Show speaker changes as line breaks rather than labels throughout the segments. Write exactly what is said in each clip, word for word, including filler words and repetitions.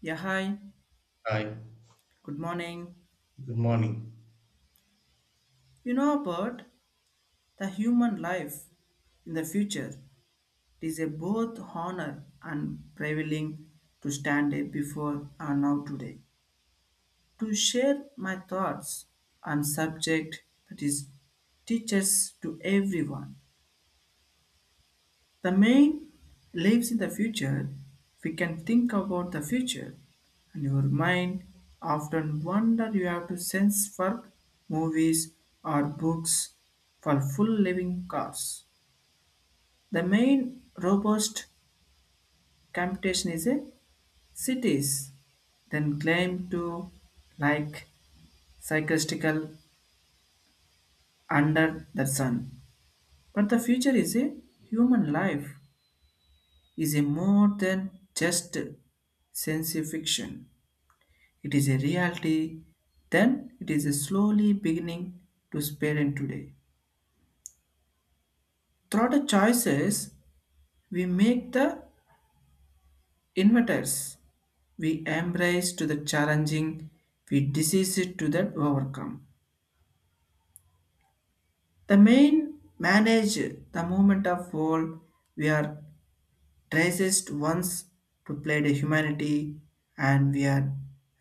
Yeah, hi.
Hi,
Good morning.
good morning.
You know about the human life in the future. It is a both honor and prevailing to stand here before and now today to share my thoughts on subject that is teaches to everyone. The main lives in the future. We can think about the future, and your mind often wonder you have to sense for movies or books for full living cars. The main robust computation is a cities, then claim to like psychiatrical under the sun. But the future is a human life is a more than just sense fiction. It is a reality, then it is slowly beginning to spread today. Through the choices we make the inventors, we embrace to the challenging, we disease it to that overcome. The main manage the movement of world we are traced once to play the humanity, and we are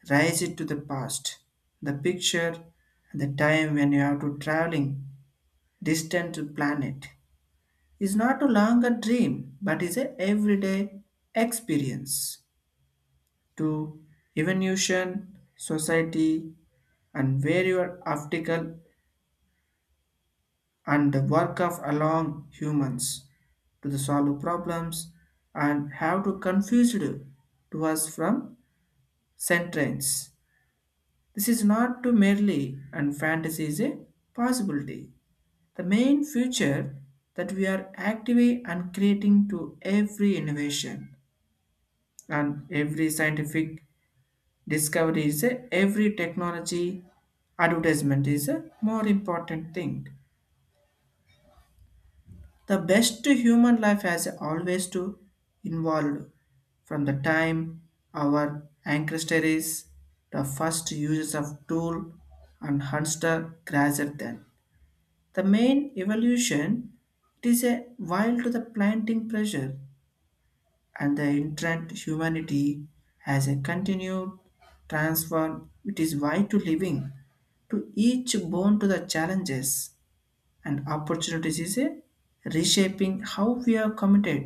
raised it to the past, the picture, and the time when you have to traveling distant to planet. Is not a longer dream but is a everyday experience to evolution society and various optical and the work of along humans to the solve problems and have to confused to us from sentence. This is not to merely and fantasy is a possibility. The main future that we are actively and creating to every innovation and every scientific discovery is a, every technology advertisement is a more important thing the best to human life has always to involve from the time our ancestors the first users of tool and hunter grazer than the main evolution it is a while to the planting pressure and the inherent humanity has a continued transform it is why to living to each bone to the challenges and opportunities is a reshaping how we are committed,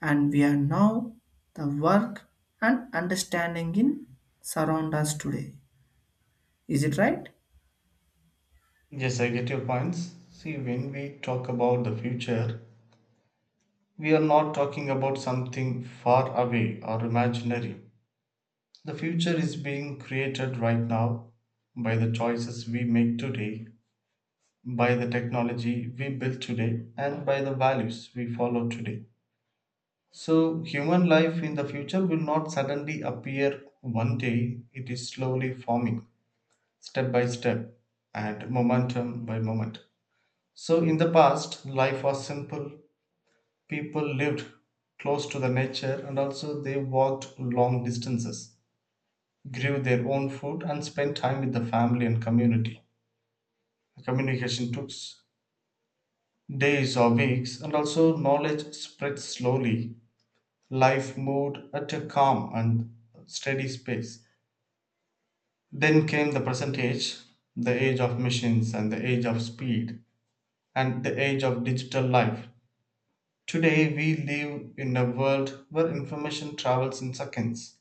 and we are now the work and understanding in surround us today. Is it right?
Yes, I get your points. See, when we talk about the future, we are not talking about something far away or imaginary. The future is being created right now by the choices we make today, by the technology we build today, and by the values we follow today. So, human life in the future will not suddenly appear one day, it is slowly forming, step by step, and momentum by moment. So, in the past, life was simple. People lived close to the nature, and also they walked long distances, grew their own food, and spent time with the family and community. Communication took days or weeks, and also knowledge spread slowly. Life moved at a calm and steady pace. Then came the present age, the age of machines and the age of speed, and the age of digital life. Today we live in a world where information travels in seconds.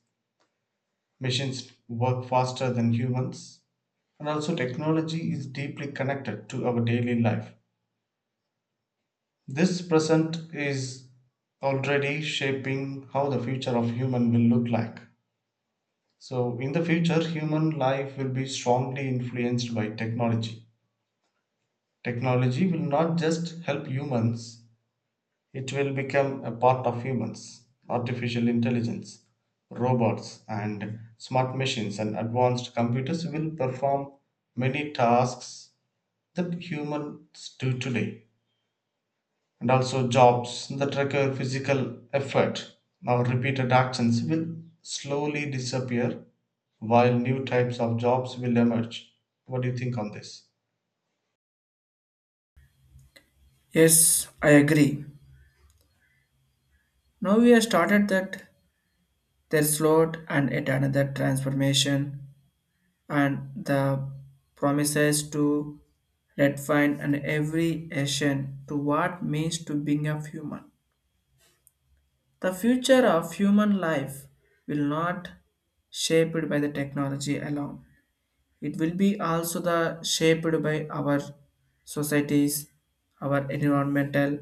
Machines work faster than humans, and also technology is deeply connected to our daily life. This present is already shaping how the future of human will look like. So in the future human life will be strongly influenced by technology. Technology will not just help humans. It will become a part of humans, artificial intelligence, robots, and smart machines and advanced computers will perform many tasks that humans do today. And also, jobs that require physical effort or repeated actions will slowly disappear while new types of jobs will emerge. What do you think on this?
Yes, I agree. Now we have started that there is Lord and yet another transformation and the promises to redefine and every action to what means to being a human. The future of human life will not shaped by the technology alone. It will be also the shaped by our societies, our environmental,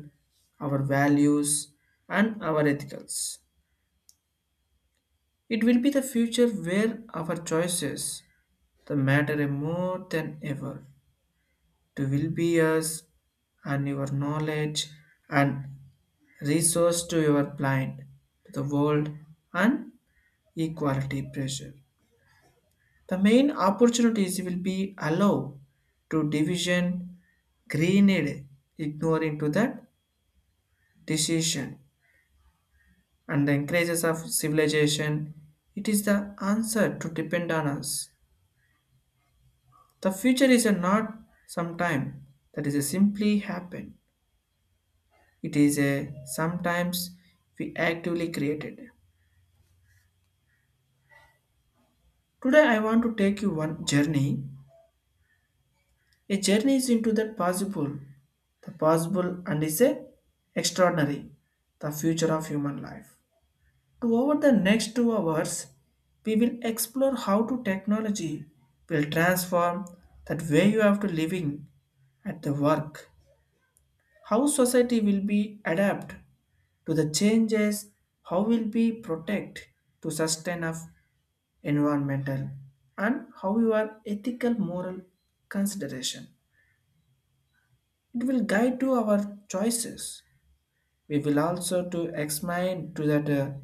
our values, and our ethicals. It will be the future where our choices the matter more than ever. To will be us and your knowledge and resource to your blind, to the world, and equality pressure. The main opportunities will be allow to division, greened, ignoring to that decision, and the increases of civilization. It is the answer to depend on us. The future is a not sometime that is a simply happen. It is a sometimes we actively created. Today I want to take you one journey. A journey is into the possible, the possible and is a extraordinary, the future of human life. To over the next two hours, we will explore how to technology will transform that way you have to living at the work, how society will be adapt to the changes, how will be protect to sustain of environmental, and how your ethical moral consideration it will guide to our choices. We will also to examine to that uh,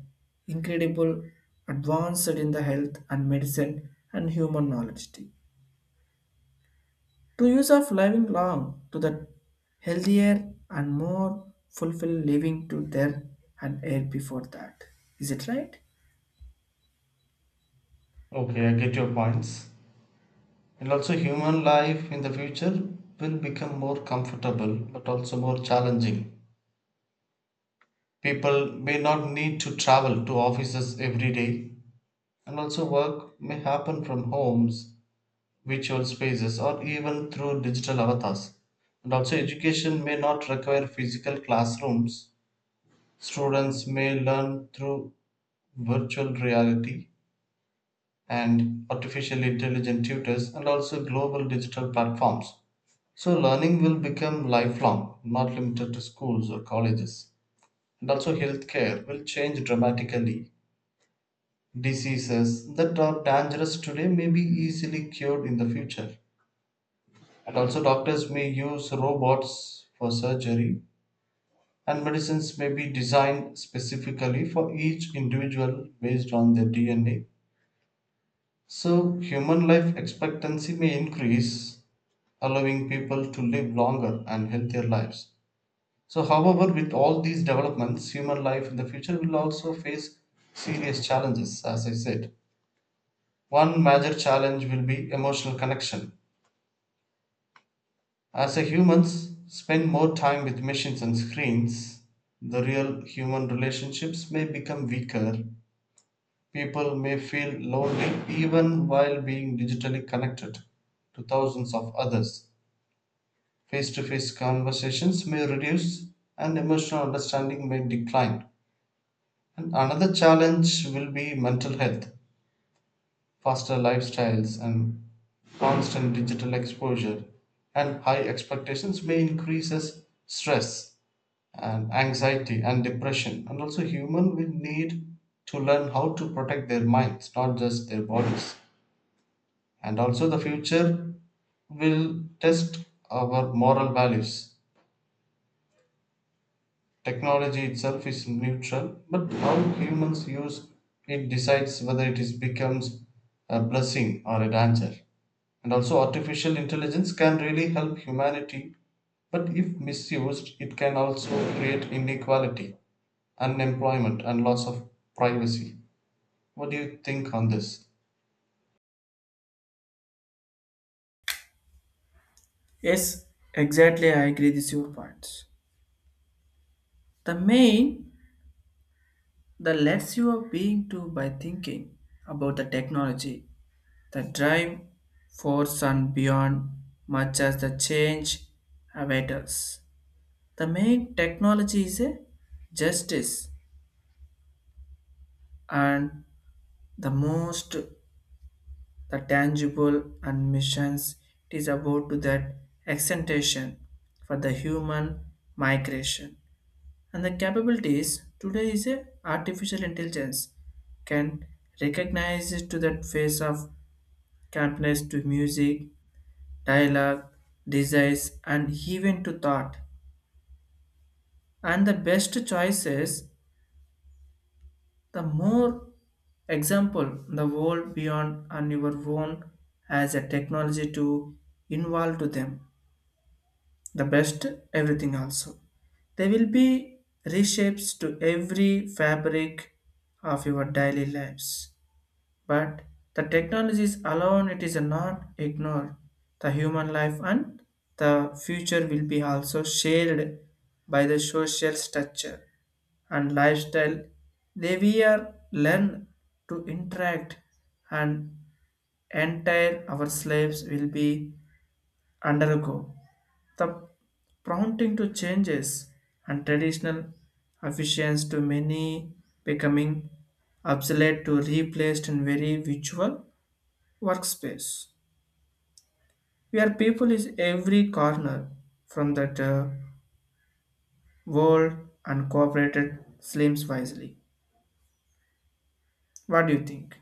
incredible advanced in the health and medicine and human knowledge. To use of living long to the healthier and more fulfilled living to there and air before that. Is it right?
Okay, I get your points. And also, human life in the future will become more comfortable but also more challenging. People may not need to travel to offices every day, and also, work may happen from homes, virtual spaces, or even through digital avatars. And also, education may not require physical classrooms. Students may learn through virtual reality and artificial intelligent tutors, and also global digital platforms. So learning will become lifelong, not limited to schools or colleges. And also healthcare will change dramatically. Diseases that are dangerous today may be easily cured in the future. And also doctors may use robots for surgery and medicines may be designed specifically for each individual based on their D N A. So human life expectancy may increase, allowing people to live longer and healthier lives. So, however, with all these developments, human life in the future will also face serious challenges, as I said. One major challenge will be emotional connection. As a humans spend more time with machines and screens, the real human relationships may become weaker. People may feel lonely even while being digitally connected to thousands of others. Face to face conversations may reduce and emotional understanding may decline. And another challenge will be mental health, faster lifestyles, and constant digital exposure, and high expectations may increases stress and anxiety and depression. And also, human will need to learn how to protect their minds, not just their bodies. And also, the future will test our moral values. Technology itself is neutral, but how humans use it decides whether it is becomes a blessing or a danger. And also, artificial intelligence can really help humanity, but if misused, it can also create inequality, unemployment, and loss of privacy. What do you think on this?
Yes, exactly. I agree with your points. The main, the less you are being to by thinking about the technology. The drive force and beyond much as the change avatars. The main technology is a justice and the most the tangible and missions it is about to that extension for the human migration and the capabilities today is a artificial intelligence can recognize to that face of campness to music, dialogue, desires, and even to thought. And the best choices, the more example the world beyond and your own as a technology to involve to them. The best everything also. They will be reshapes to every fabric of your daily lives. But the technologies alone it is not ignored. The human life and the future will be also shared by the social structure and lifestyle. They we are learn to interact, and entire our slaves will be undergo the prompting to changes and traditional efficiency to many becoming obsolete to replaced in very virtual workspace where people is every corner from that uh, world and cooperated slims wisely. What do you think?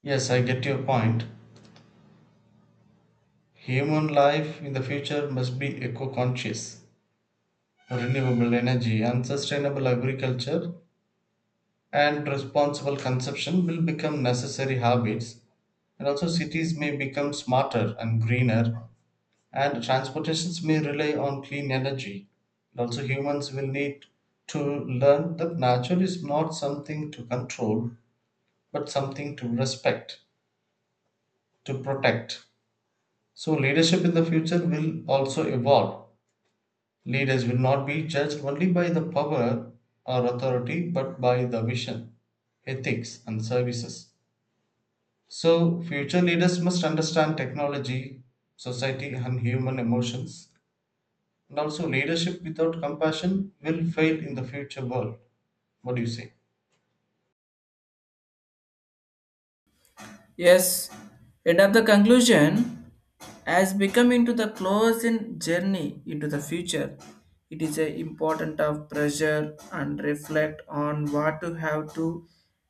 Yes, I get your point. Human life in the future must be eco conscious, renewable energy, and sustainable agriculture and responsible consumption will become necessary habits, and also cities may become smarter and greener, and transportations may rely on clean energy, and also humans will need to learn that nature is not something to control but something to respect, to protect. So leadership in the future will also evolve. Leaders will not be judged only by the power or authority but by the vision, ethics and services. So, future leaders must understand technology, society, and human emotions. And also, leadership without compassion will fail in the future world. What do you say?
Yes, end of the conclusion. As become into the closing journey into the future, it is a important of pressure and reflect on what to have to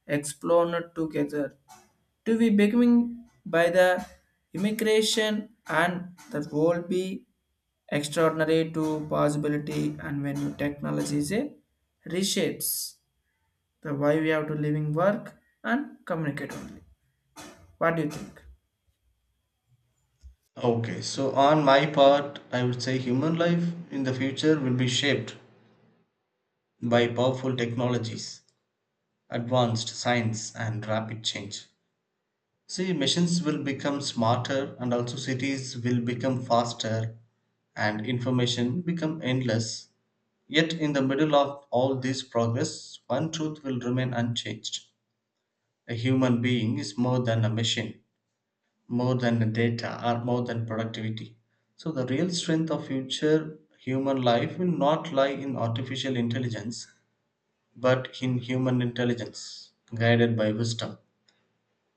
explore together to be becoming by the immigration and the world be extraordinary to possibility and when new technology is a reshapes the why we have to living work and communicate only. What do you think?
Okay, so on my part, I would say human life in the future will be shaped by powerful technologies, advanced science, and rapid change. See, machines will become smarter, and also cities will become faster, and information become endless. Yet, in the middle of all this progress, one truth will remain unchanged: a human being is more than a machine, more than data, or more than productivity. So, the real strength of future human life will not lie in artificial intelligence, but in human intelligence guided by wisdom.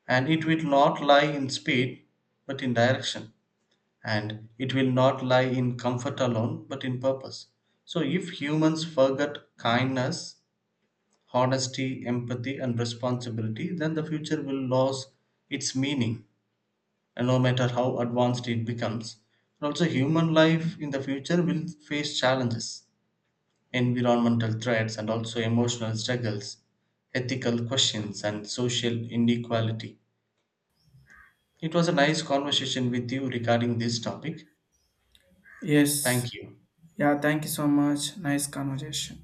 And it will not lie in speed, but in direction. And it will not lie in comfort alone, but in purpose. So, if humans forget kindness, honesty, empathy, and responsibility, then the future will lose its meaning, and no matter how advanced it becomes. And also, human life in the future will face challenges, environmental threats, and also emotional struggles, ethical questions, and social inequality. It was a nice conversation with you regarding this topic.
Yes.
Thank you.
Yeah, thank you so much. Nice conversation.